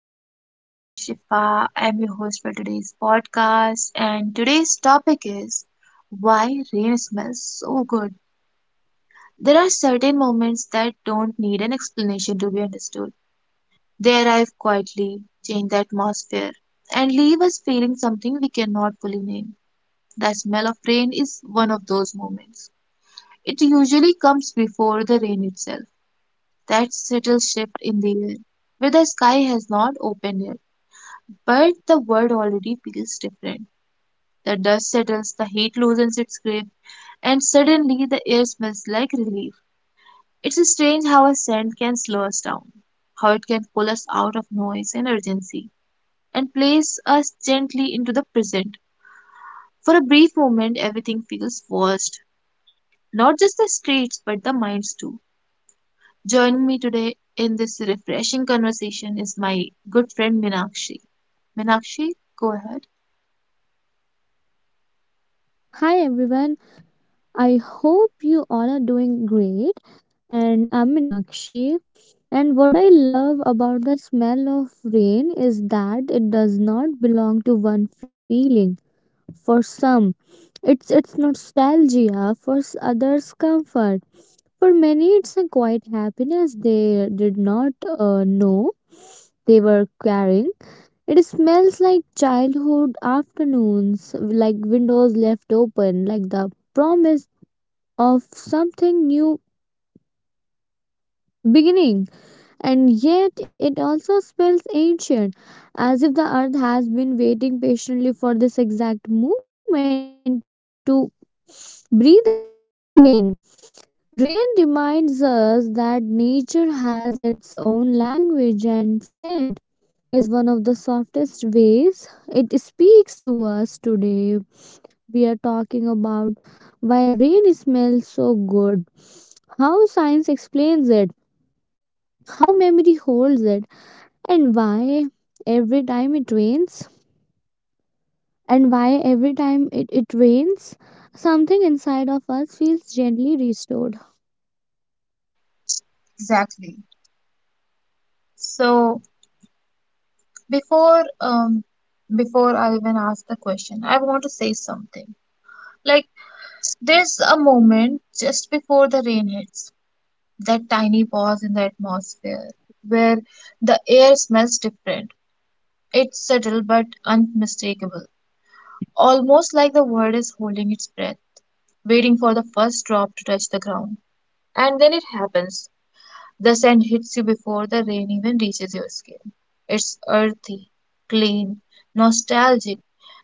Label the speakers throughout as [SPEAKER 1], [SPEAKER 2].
[SPEAKER 1] Everyone, my name is Shifa. I'm your host for today's podcast, and today's topic is why rain smells so good. There are certain moments that don't need an explanation to be understood. They arrive quietly, change the atmosphere, and leave us feeling something we cannot fully name. The smell of rain is one of those moments. It usually comes before the rain itself, that subtle shift in the air, where the sky has not opened yet, but the world already feels different. The dust settles, the heat loosens its grip, and suddenly the air smells like relief. It's strange how a scent can slow us down, how it can pull us out of noise and urgency, and place us gently into the present. For a brief moment, everything feels forced. Not just the streets, but the minds too. Joining me today in this refreshing conversation is my good friend Minakshi. Minakshi, go ahead.
[SPEAKER 2] Hi everyone, I hope you all are doing great. And I'm Meenakshi. And what I love about the smell of rain is that it does not belong to one feeling. For some, it's nostalgia. For others, comfort. For many, it's a quiet happiness they did not know they were carrying. It smells like childhood afternoons, like windows left open, like the promise of something new beginning, and yet it also smells ancient, as if the earth has been waiting patiently for this exact moment to breathe again. Rain reminds us that nature has its own language, and scent is one of the softest ways it speaks to us today. We are talking about why rain smells so good, how science explains it, how memory holds it, and why every time it rains, and why every time it, it rains something inside of us feels gently restored.
[SPEAKER 1] Exactly. Before um before I even ask the question, I want to say something. Like, there's a moment just before the rain hits, that tiny pause in the atmosphere where the air smells different. It's subtle but unmistakable, almost like the world is holding its breath, waiting for the first drop to touch the ground. And then it happens. The sand hits you before the rain even reaches your skin. It's earthy, clean, nostalgic,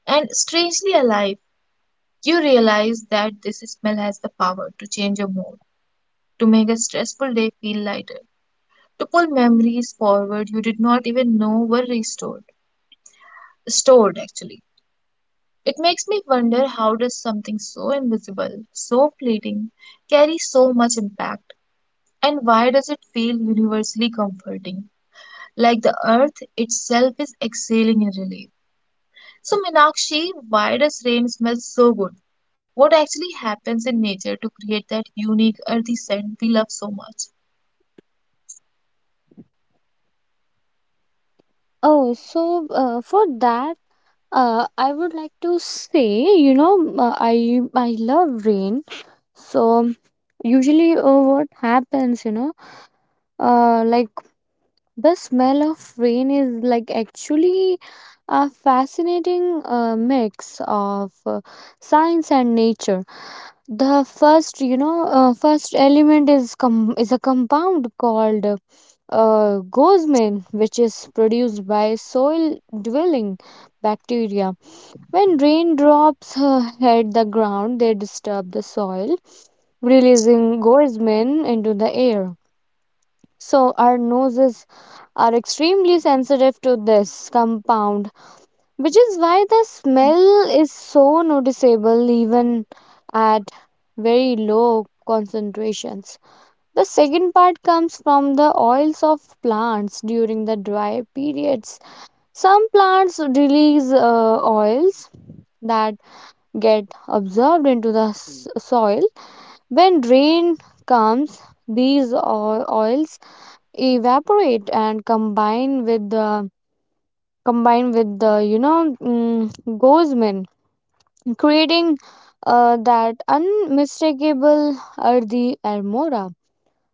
[SPEAKER 1] and strangely alive. You realize that this smell has the power to change your mood, to make a stressful day feel lighter, to pull memories forward you did not even know were restored. Stored, actually. It makes me wonder, how does something so invisible, so fleeting, carry so much impact, and why does it feel universally comforting? Like the earth itself is exhaling in relief. So, Minakshi, why does rain smell so good? What actually happens in nature to create that unique earthy scent we love so much?
[SPEAKER 2] Oh, so uh, for that, I would like to say, you know, I love rain. So usually, what happens, you know, uh, like the smell of rain is like actually a fascinating mix of science and nature. The first, you know, first element is is a compound called gosmin, which is produced by soil dwelling bacteria. When raindrops hit the ground, they disturb the soil, releasing gosmin into the air. So our noses are extremely sensitive to this compound, which is why the smell is so noticeable even at very low concentrations. The second part comes from the oils of plants during the dry periods. Some plants release oils that get absorbed into the soil. When rain comes, these oils evaporate and combine with the gosmin, creating that unmistakable earthy armora.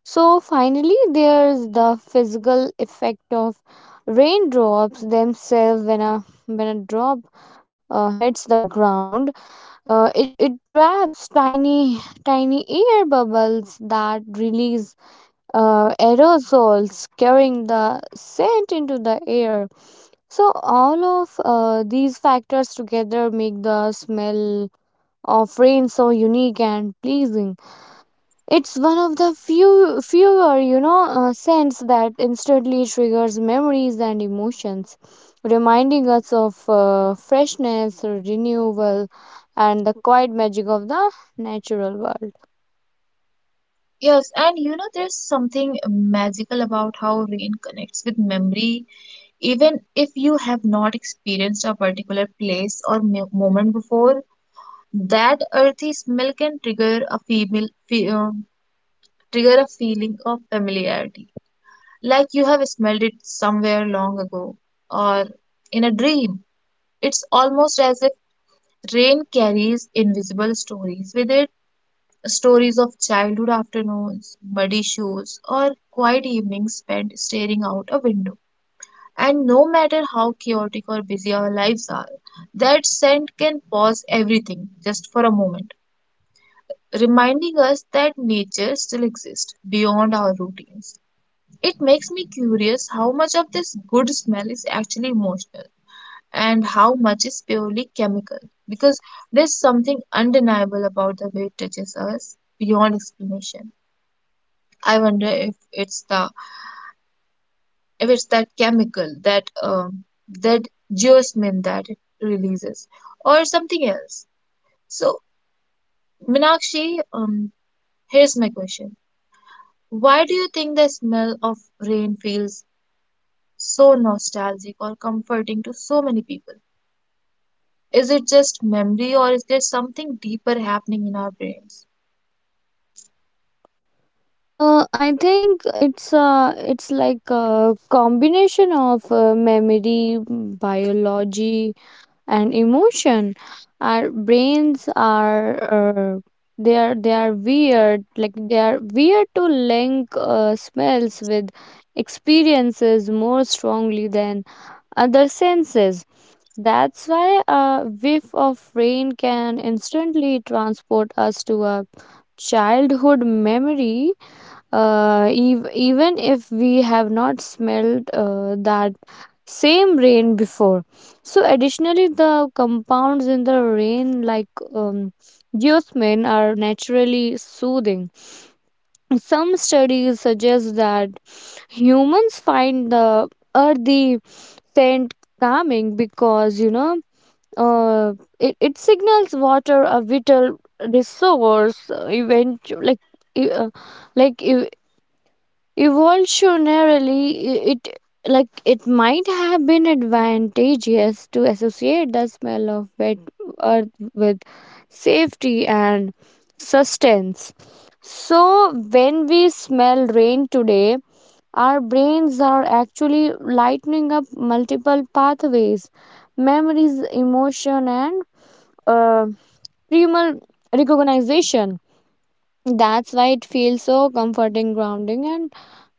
[SPEAKER 2] So finally, there's the physical effect of raindrops themselves. When a drop hits the ground, it traps tiny air bubbles that release aerosols carrying the scent into the air. So all of these factors together make the smell of rain so unique and pleasing. It's one of the fewer, you know, scents that instantly triggers memories and emotions, reminding us of freshness, renewal, and the quiet magic of the natural world.
[SPEAKER 1] Yes, and you know, there's something magical about how rain connects with memory. Even if you have not experienced a particular place or moment before, that earthy smell can trigger a feeling of familiarity, like you have smelled it somewhere long ago or in a dream. It's almost as if rain carries invisible stories with it, stories of childhood afternoons, muddy shoes, or quiet evenings spent staring out a window. And no matter how chaotic or busy our lives are, that scent can pause everything just for a moment, reminding us that nature still exists beyond our routines. It makes me curious how much of this good smell is actually emotional and how much is purely chemical, because there's something undeniable about the way it touches us beyond explanation. I wonder if it's the, if it's that chemical, that that geosmin that it releases, or something else. So, Minakshi, here's my question. Why do you think the smell of rain feels so nostalgic or comforting to so many people? Is it just memory, or is there something deeper happening in our brains?
[SPEAKER 2] I think it's like a combination of memory, biology, and emotion. Our brains are they are weird. Like they are weird to link smells with experiences more strongly than other senses. That's why a whiff of rain can instantly transport us to a childhood memory, even if we have not smelled that same rain before. So additionally, the compounds in the rain, like um, geosmin, are naturally soothing. Some studies suggest that humans find the earthy scent calming because, you know, uh, it signals water, a vital resource. Event e- uh, like e- Evolutionarily, it, like it might have been advantageous to associate the smell of wet earth with safety and sustenance. So when we smell rain today, our brains are actually lightening up multiple pathways: memories, emotion, and uh, primal recognition. That's why it feels so comforting, grounding, and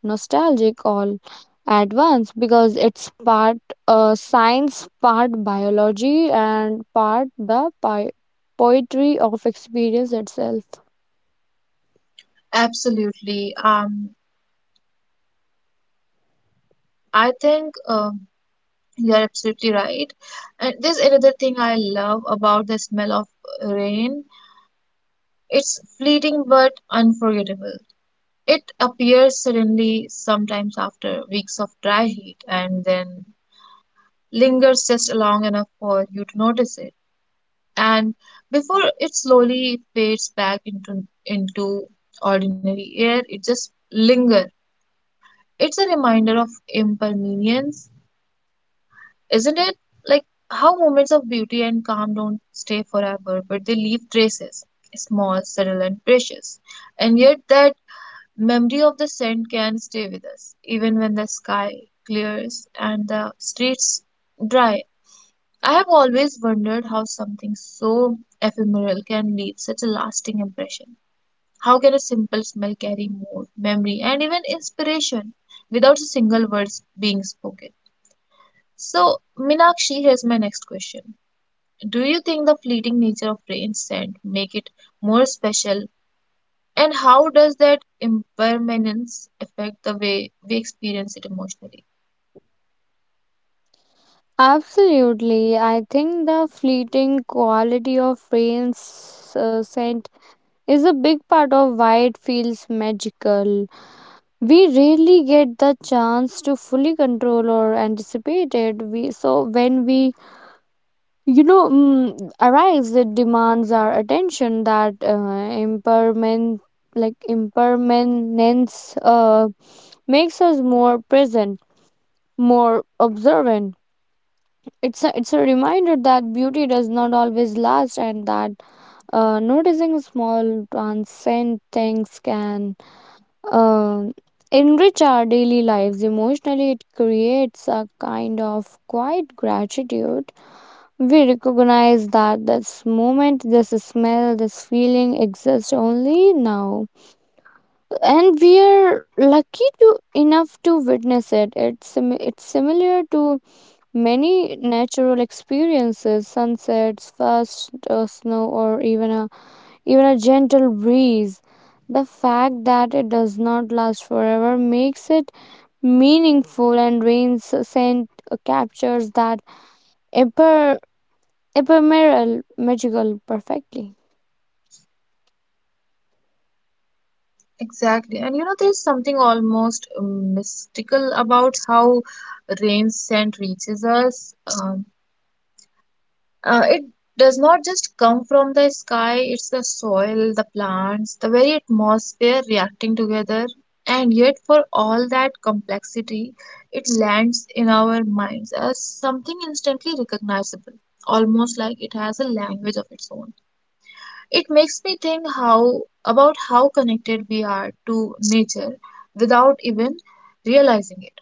[SPEAKER 2] nostalgic all at once, because it's part science, part biology, and part the poetry of experience itself.
[SPEAKER 1] Absolutely. I think you're absolutely right. And there's another thing I love about the smell of rain. It's fleeting but unforgettable. It appears suddenly, sometimes after weeks of dry heat, and then lingers just long enough for you to notice it, and before it slowly fades back into ordinary air, it just linger it's a reminder of impermanence, isn't it? Like how moments of beauty and calm don't stay forever, but they leave traces, small, subtle, and precious. And yet that memory of the scent can stay with us even when the sky clears and the streets dry. I have always wondered how something so ephemeral can leave such a lasting impression. How can a simple smell carry mood, memory, and even inspiration without a single word being spoken? So, Minakshi, here's my next question. Do you think the fleeting nature of rain scent make it more special? And how does that impermanence affect the way we experience it emotionally?
[SPEAKER 2] Absolutely. I think the fleeting quality of rain's scent is a big part of why it feels magical. We rarely get the chance to fully control or anticipate it. We So when we, arise, it demands our attention. That impermanent like impermanence makes us more present, more observant. It's a reminder that beauty does not always last, and that noticing small transient things can uh, enrich our daily lives. Emotionally, it creates a kind of quiet gratitude. We recognize that this moment, this smell, this feeling exists only now, and we are lucky to enough to witness it. It's similar to many natural experiences: sunsets, first snow, or even a gentle breeze. The fact that it does not last forever makes it meaningful, and rain's scent captures that eper ephemeral, magical, perfectly.
[SPEAKER 1] Exactly. And you know, there's something almost mystical about how rain's scent reaches us. Um, it does not just come from the sky, it's the soil, the plants, the very atmosphere reacting together. And yet, for all that complexity, it lands in our minds as something instantly recognizable, almost like it has a language of its own. It makes me think how about how connected we are to nature without even realizing it.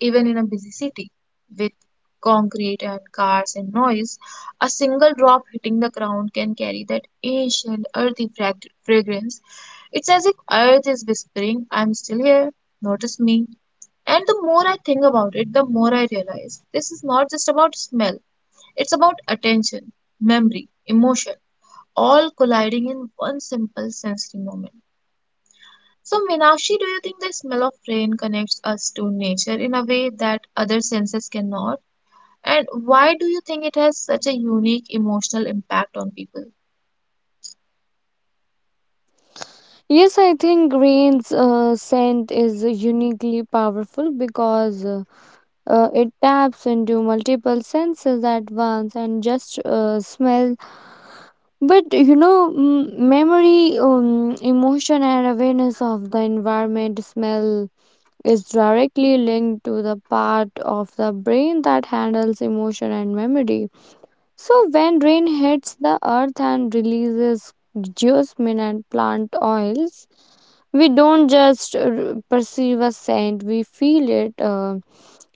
[SPEAKER 1] Even in a busy city with concrete and cars and noise, a single drop hitting the ground can carry that ancient earthy fragrance. It's as if earth is whispering, "I'm still here, notice me." And the more I think about it, the more I realize this is not just about smell, it's about attention, memory, emotion, all colliding in one simple sensory moment. So, Meenakshi, do you think the smell of rain connects us to nature in a way that other senses cannot? And why do you think it has such a unique emotional impact on people?
[SPEAKER 2] Yes, I think green's scent is uniquely powerful because it taps into multiple senses at once and just smell. But you know, memory, emotion, and awareness of the environment. Smell is directly linked to the part of the brain that handles emotion and memory. So when rain hits the earth and releases geosmin and plant oils, we don't just perceive a scent, we feel it. Uh,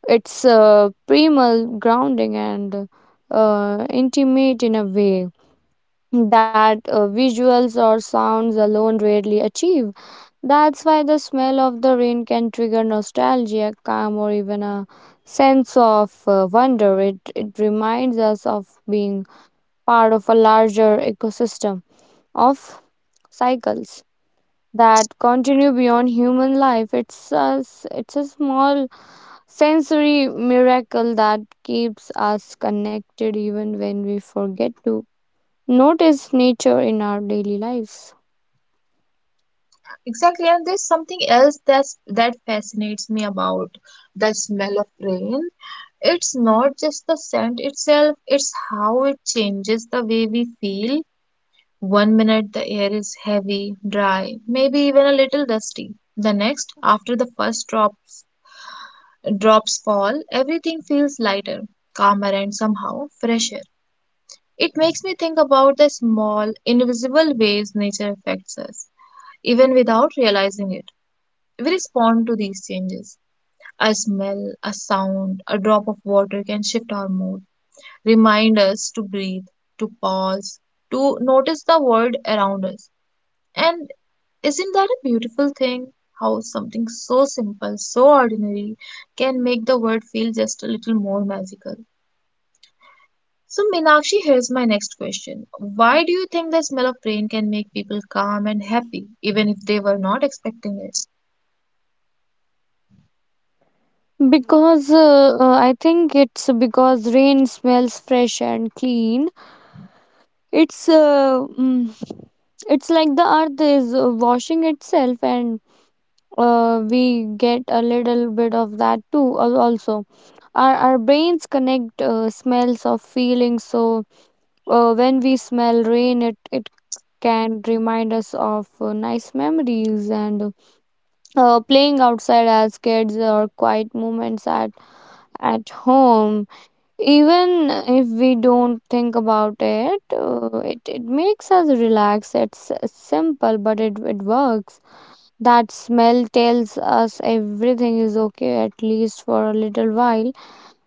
[SPEAKER 2] it's uh, primal, grounding, and intimate in a way that visuals or sounds alone rarely achieve. That's why the smell of the rain can trigger nostalgia, calm, or even a sense of wonder. It reminds us of being part of a larger ecosystem, of cycles that continue beyond human life. It's a small sensory miracle that keeps us connected even when we forget to notice nature in our daily lives.
[SPEAKER 1] Exactly, and there's something else that fascinates me about the smell of rain. It's not just the scent itself, it's how it changes the way we feel. One minute the air is heavy, dry, maybe even a little dusty. The next, after the first drops fall, everything feels lighter, calmer, and somehow fresher. It makes me think about the small, invisible ways nature affects us, even without realizing it. We respond to these changes. A smell, a sound, a drop of water can shift our mood, remind us to breathe, to pause, to notice the world around us. And isn't that a beautiful thing? How something so simple, so ordinary, can make the world feel just a little more magical. So, Meenakshi, here's my next question. Why do you think the smell of rain can make people calm and happy, even if they were not expecting it?
[SPEAKER 2] Because I think it's because rain smells fresh and clean. It's uh, mm, it's like the earth is washing itself, and we get a little bit of that too. Also, our brains connect smells of feelings. So when we smell rain, it can remind us of nice memories, and playing outside as kids or quiet moments at home. Even if we don't think about it, it makes us relax. It's simple, but it works. That smell tells us everything is okay, at least for a little while,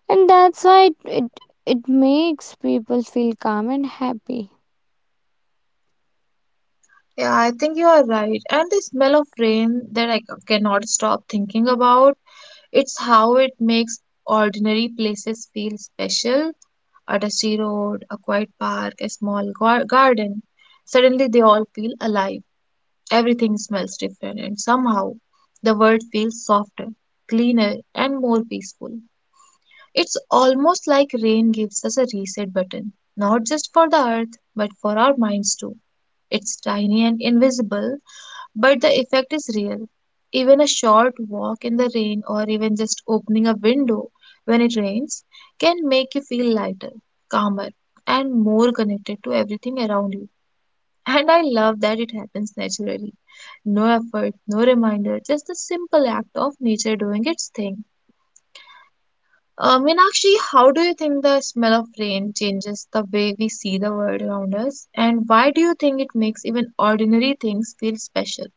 [SPEAKER 2] and that's why it makes people feel calm and happy.
[SPEAKER 1] Yeah, I think you are right. And the smell of rain that I cannot stop thinking about, it's how it makes ordinary places feel special. A dusty road, a quiet park, a small garden. Suddenly they all feel alive. Everything smells different, and somehow the world feels softer, cleaner, and more peaceful. It's almost like rain gives us a reset button, not just for the earth, but for our minds too. It's tiny and invisible, but the effect is real. Even a short walk in the rain, or even just opening a window when it rains, can make you feel lighter, calmer, and more connected to everything around you. And I love that it happens naturally. No effort, no reminder, just the simple act of nature doing its thing. Meenakshi, how do you think the smell of rain changes the way we see the world around us? And why do you think it makes even ordinary things feel special?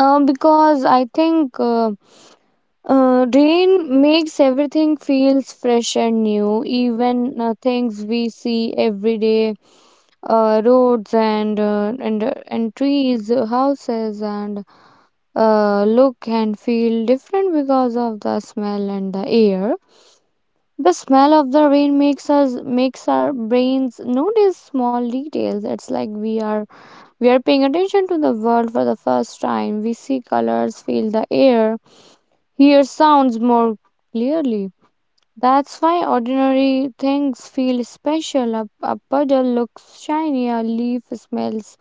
[SPEAKER 2] Because I think rain makes everything feels fresh and new, even things we see every day: roads, and trees, houses. And look and feel different because of the smell and the air. The smell of the rain makes our brains notice small details. It's like we are paying attention to the world for the first time. We see colors, feel the air, hear sounds more clearly. That's why ordinary things feel special. A puddle looks shiny, a leaf smells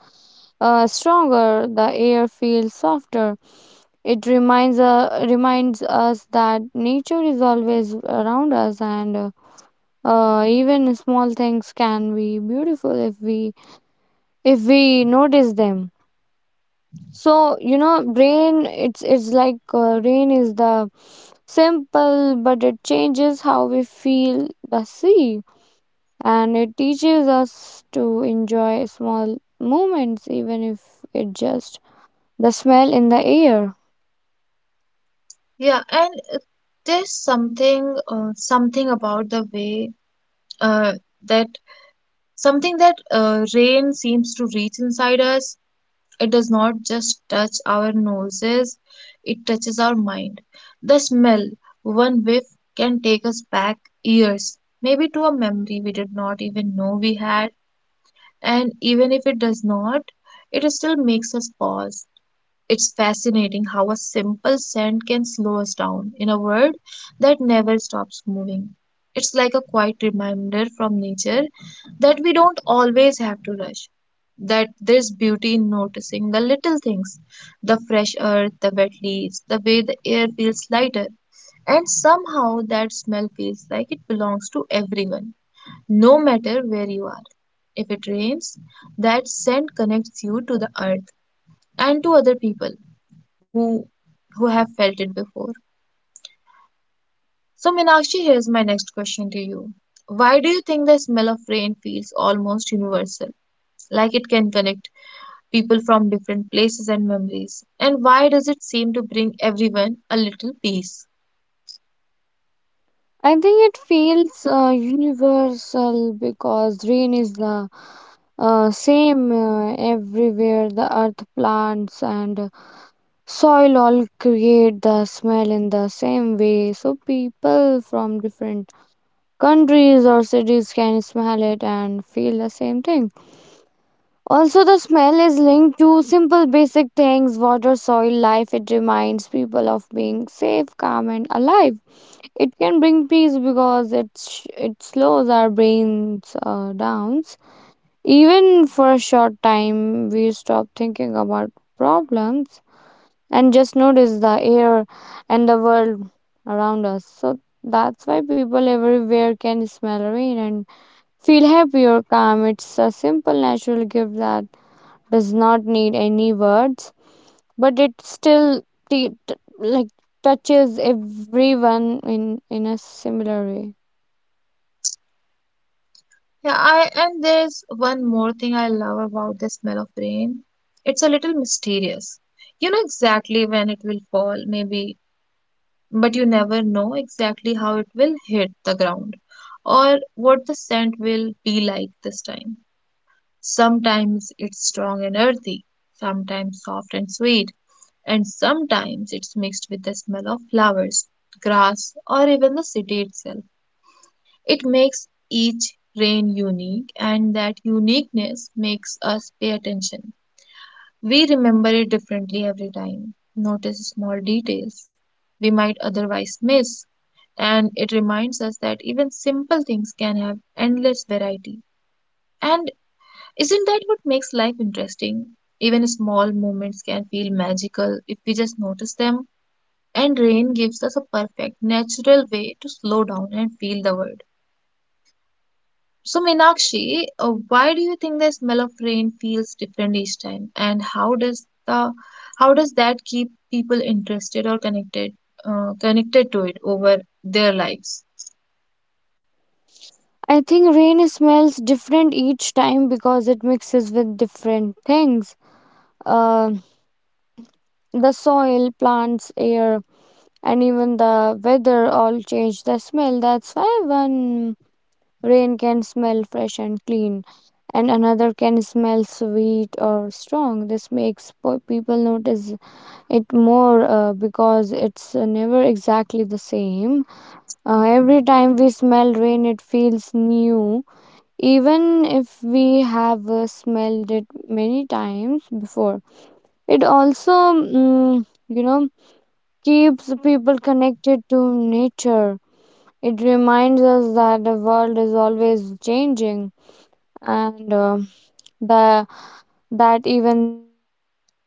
[SPEAKER 2] stronger, the air feels softer. It reminds reminds us that nature is always around us, and even small things can be beautiful if we notice them. So you know, rain, it's like rain is the simple, but it changes how we feel the sea, and it teaches us to enjoy small moments, even if it just the smell in the air.
[SPEAKER 1] Yeah, and there's something about the way uh, that something that uh, rain seems to reach inside us. It does not just touch our noses, it touches our mind. The smell, one whiff, can take us back years, maybe to a memory we did not even know we had. And even if it does not, it still makes us pause. It's fascinating how a simple scent can slow us down in a world that never stops moving. It's like a quiet reminder from nature that we don't always have to rush, that there's beauty in noticing the little things, the fresh earth, the wet leaves, the way the air feels lighter. And somehow that smell feels like it belongs to everyone, no matter where you are. If it rains, that scent connects you to the earth and to other people who have felt it before. So, Meenakshi, here's my next question to you. Why do you think the smell of rain feels almost universal, like it can connect people from different places and memories? And why does it seem to bring everyone a little peace?
[SPEAKER 2] I think it feels universal because rain is the same everywhere. The earth, plants, and soil all create the smell in the same way, so people from different countries or cities can smell it and feel the same thing. Also, the smell is linked to simple basic things: water, soil, life. It reminds people of being safe, calm, and alive. It can bring peace because it slows our brains down. Even for a short time, we stop thinking about problems and just notice the air and the world around us. So that's why people everywhere can smell rain and feel happy or calm. It's a simple natural gift that does not need any words, but it still t- t- like touches everyone in a similar way.
[SPEAKER 1] Yeah, I and there's one more thing I love about the smell of rain. It's a little mysterious. You know exactly when it will fall, maybe, but you never know exactly how it will hit the ground or what the scent will be like this time. Sometimes it's strong and earthy, sometimes soft and sweet, and sometimes it's mixed with the smell of flowers, grass, or even the city itself. It makes each rain unique, and that uniqueness makes us pay attention. We remember it differently every time, notice small details we might otherwise miss, and it reminds us that even simple things can have endless variety. And isn't that what makes life interesting? Even small moments can feel magical if we just notice them. And rain gives us a perfect, natural way to slow down and feel the world. So, Meenakshi, why do you think the smell of rain feels different each time, and how does that keep people interested or connected connected to it over their lives?
[SPEAKER 2] I think rain smells different each time because it mixes with different things: uh, the soil, plants, air, and even the weather all change the smell. That's why one rain can smell fresh and clean, and another can smell sweet or strong. This makes people notice it more, because it's never exactly the same. Every time we smell rain, it feels new, even if we have smelled it many times before. It also, keeps people connected to nature. It reminds us that the world is always changing, and the, that even small things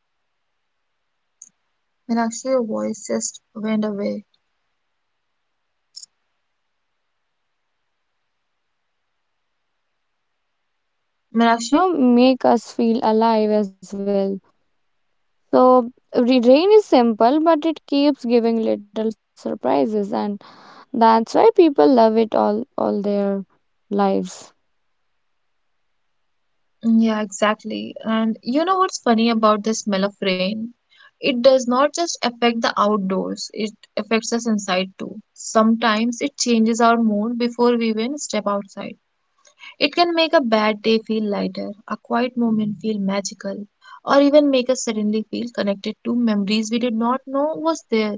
[SPEAKER 2] you know,
[SPEAKER 1] Meenakshi, your voice just
[SPEAKER 2] these
[SPEAKER 1] went
[SPEAKER 2] things,
[SPEAKER 1] away.
[SPEAKER 2] like, interesting, and can, it can be interesting and can, you
[SPEAKER 1] Meenakshi,
[SPEAKER 2] know, make us feel alive as well. So rain is simple, but it keeps giving little surprises, and that's why people love it all their lives.
[SPEAKER 1] yeah, exactly. And you know what's funny about the smell of rain? It does not just affect the outdoors; it affects us inside too. Sometimes it changes our mood before we even step outside. It can
[SPEAKER 2] Yeah,
[SPEAKER 1] make a
[SPEAKER 2] yeah,
[SPEAKER 1] bad day
[SPEAKER 2] exactly.
[SPEAKER 1] feel
[SPEAKER 2] Uh-huh.
[SPEAKER 1] lighter, a quiet moment feel magical, or even make us suddenly feel connected to memories we did not know was there.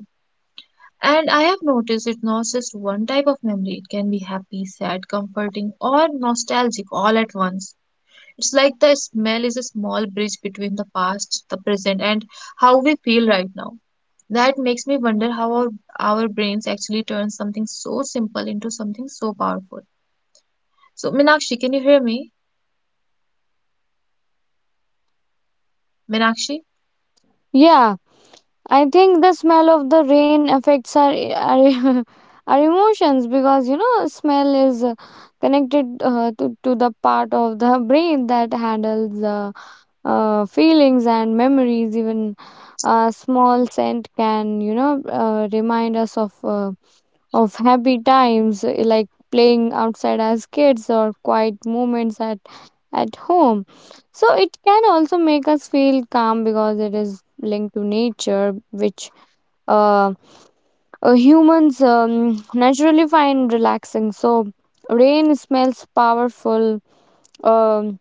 [SPEAKER 1] And I have noticed it's not just one type of memory. It can be happy, sad, comforting, or nostalgic all at once. It's like the smell is a small bridge between the past, the present, and how we feel right now. That makes me wonder how our brains actually turn something so simple into something so powerful. So, Minakshi, can you hear me? Minakshi?
[SPEAKER 2] Yeah, I think the smell of the rain affects our emotions, because you know, smell is connected to the part of the brain that handles the feelings and memories. Even a small scent can, you know, remind us of of happy times, like playing outside as kids or quiet moments at home. So it can also make us feel calm because it is linked to nature, which uh, humans naturally find relaxing. So rain smells powerful. um,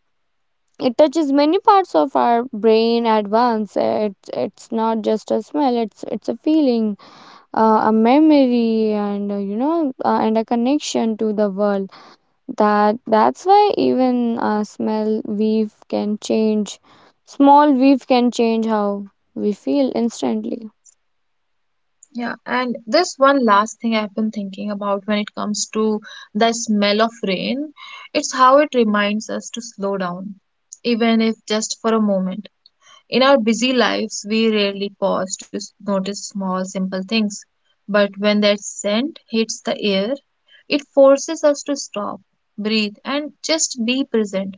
[SPEAKER 2] it touches many parts of our brain at once. It's not just a smell, it's a feeling, a memory, and you know, and a connection to the world. That that's why even a smell weave can change small weave can change how we feel instantly.
[SPEAKER 1] Yeah, and this one last thing I've been thinking about when it comes to the smell of rain, it's how it reminds us to slow down, even if just for a moment. In our busy lives, we rarely pause to notice small, simple things. But when that scent hits the air, it forces us to stop, breathe, and just be present.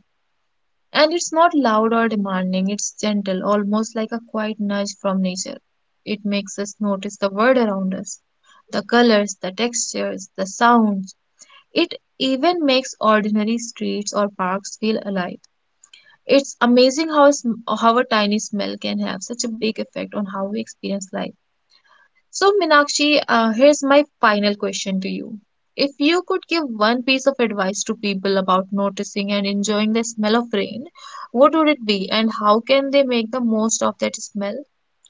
[SPEAKER 1] And it's not loud or demanding, it's gentle, almost like a quiet nudge from nature. It makes us notice the world around us, the colors, the textures, the sounds. It even makes ordinary streets or parks feel alive. It's amazing how a tiny smell can have such a big effect on how we experience life. So, Minakshi, here's my final question to you. If you could give one piece of advice to people about noticing and enjoying the smell of rain, what would it be and how can they make the most of that smell?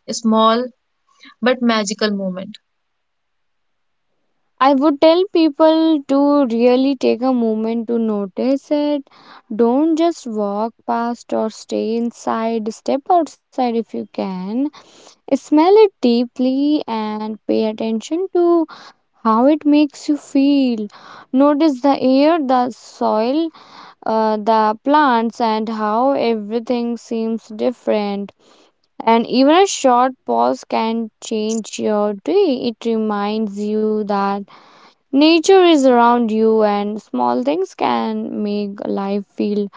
[SPEAKER 1] A small but magical moment.
[SPEAKER 2] I would tell people to really take a moment to notice it. Don't just walk past or stay inside. Step outside if you can, smell it deeply, and pay attention to how it makes you feel. Notice the air, the soil, the plants, and how everything seems different. And even a short pause can change your day. It reminds you that nature is around you, and small things can make life feel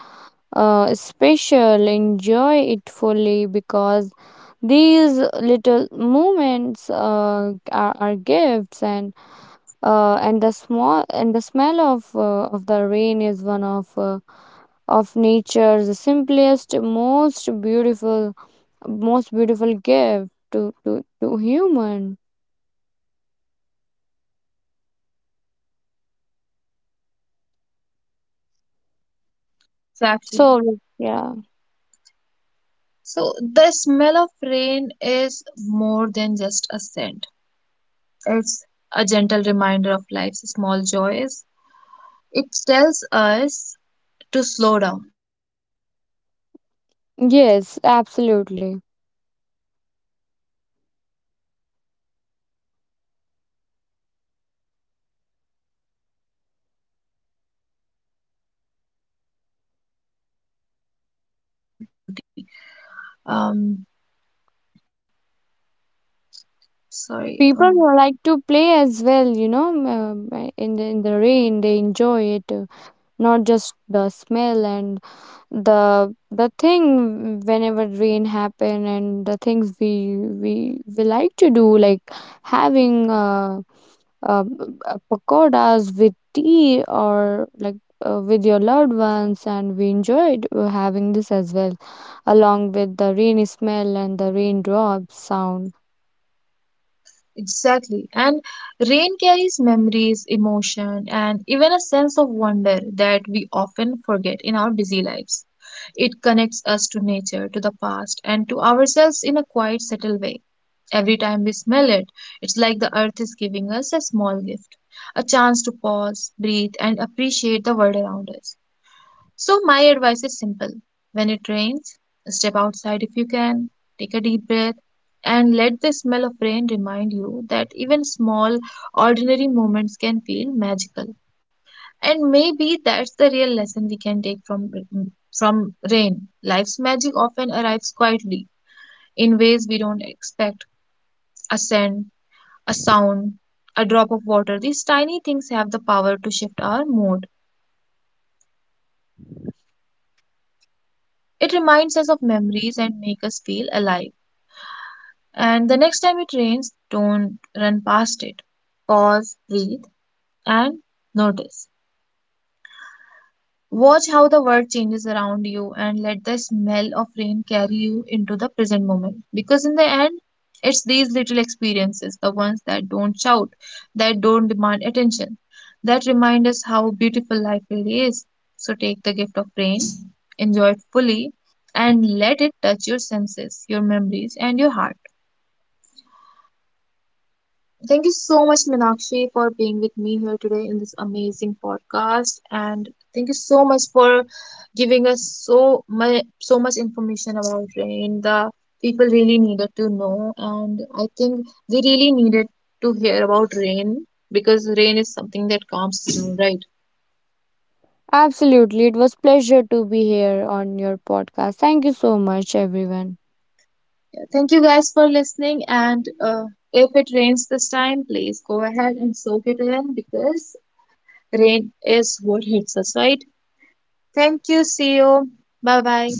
[SPEAKER 2] special. Enjoy it fully, because these little moments are gifts, and the small and the smell of the rain is one of nature's simplest, most beautiful gift to human. So yeah.
[SPEAKER 1] So, the smell of rain is more than just a scent. It's a gentle reminder of life's small joys. It tells us to slow down, to notice, to feel,
[SPEAKER 2] Yes,
[SPEAKER 1] and to remember.
[SPEAKER 2] absolutely.
[SPEAKER 1] Even the simplest moments can hold beauty. Even the simplest moment can hold beauty. Um, Sorry.
[SPEAKER 2] People
[SPEAKER 1] Oh.
[SPEAKER 2] who like to play as well, you know, in the rain, they enjoy it, not just the smell. And the thing, whenever rain happen, and the things we like to do, like having uh, pakoras with tea, or like with your loved ones, and we enjoyed having this as well, along with the rainy smell and the raindrops sound.
[SPEAKER 1] Exactly. And rain carries memories, emotion, and even a sense of wonder that we often forget in our busy lives. It connects us to nature, to the past, and to ourselves in a quiet, subtle way. Every time we smell it, it's like the earth is giving us a small gift, a chance to pause, breathe, and appreciate the world around us. So, my advice is simple. When it rains, step outside if you can, take a deep breath, and let the smell of rain remind you that even small, ordinary moments can feel magical. And maybe that's the real lesson we can take from rain. Life's magic often arrives quietly in ways we don't expect: a scent, a sound, a drop of water. These tiny things have the power to shift our mood. It reminds us of memories and make us feel alive. And the next time it rains, don't run past it. Pause, breathe, and notice. Watch how the world changes around you and let the smell of rain carry you into the present moment. Because in the end, it's these little experiences, the ones that don't shout, that don't demand attention, that remind us how beautiful life really is. So take the gift of rain, enjoy it fully, and let it touch your senses, your memories, and your heart. Thank you so much, Minakshi, for being with me here today in this amazing podcast. And thank you so much for giving us so much information about rain. The people really needed to know, and I think they really needed to hear about rain because rain is something that calms us down, right?
[SPEAKER 2] Absolutely, it was pleasure to be here on your podcast. Thank you so much, everyone.
[SPEAKER 1] Thank you guys for listening. And if it rains this time, please go ahead and soak it in because rain is what hits us, right? Thank you. See you. Bye bye.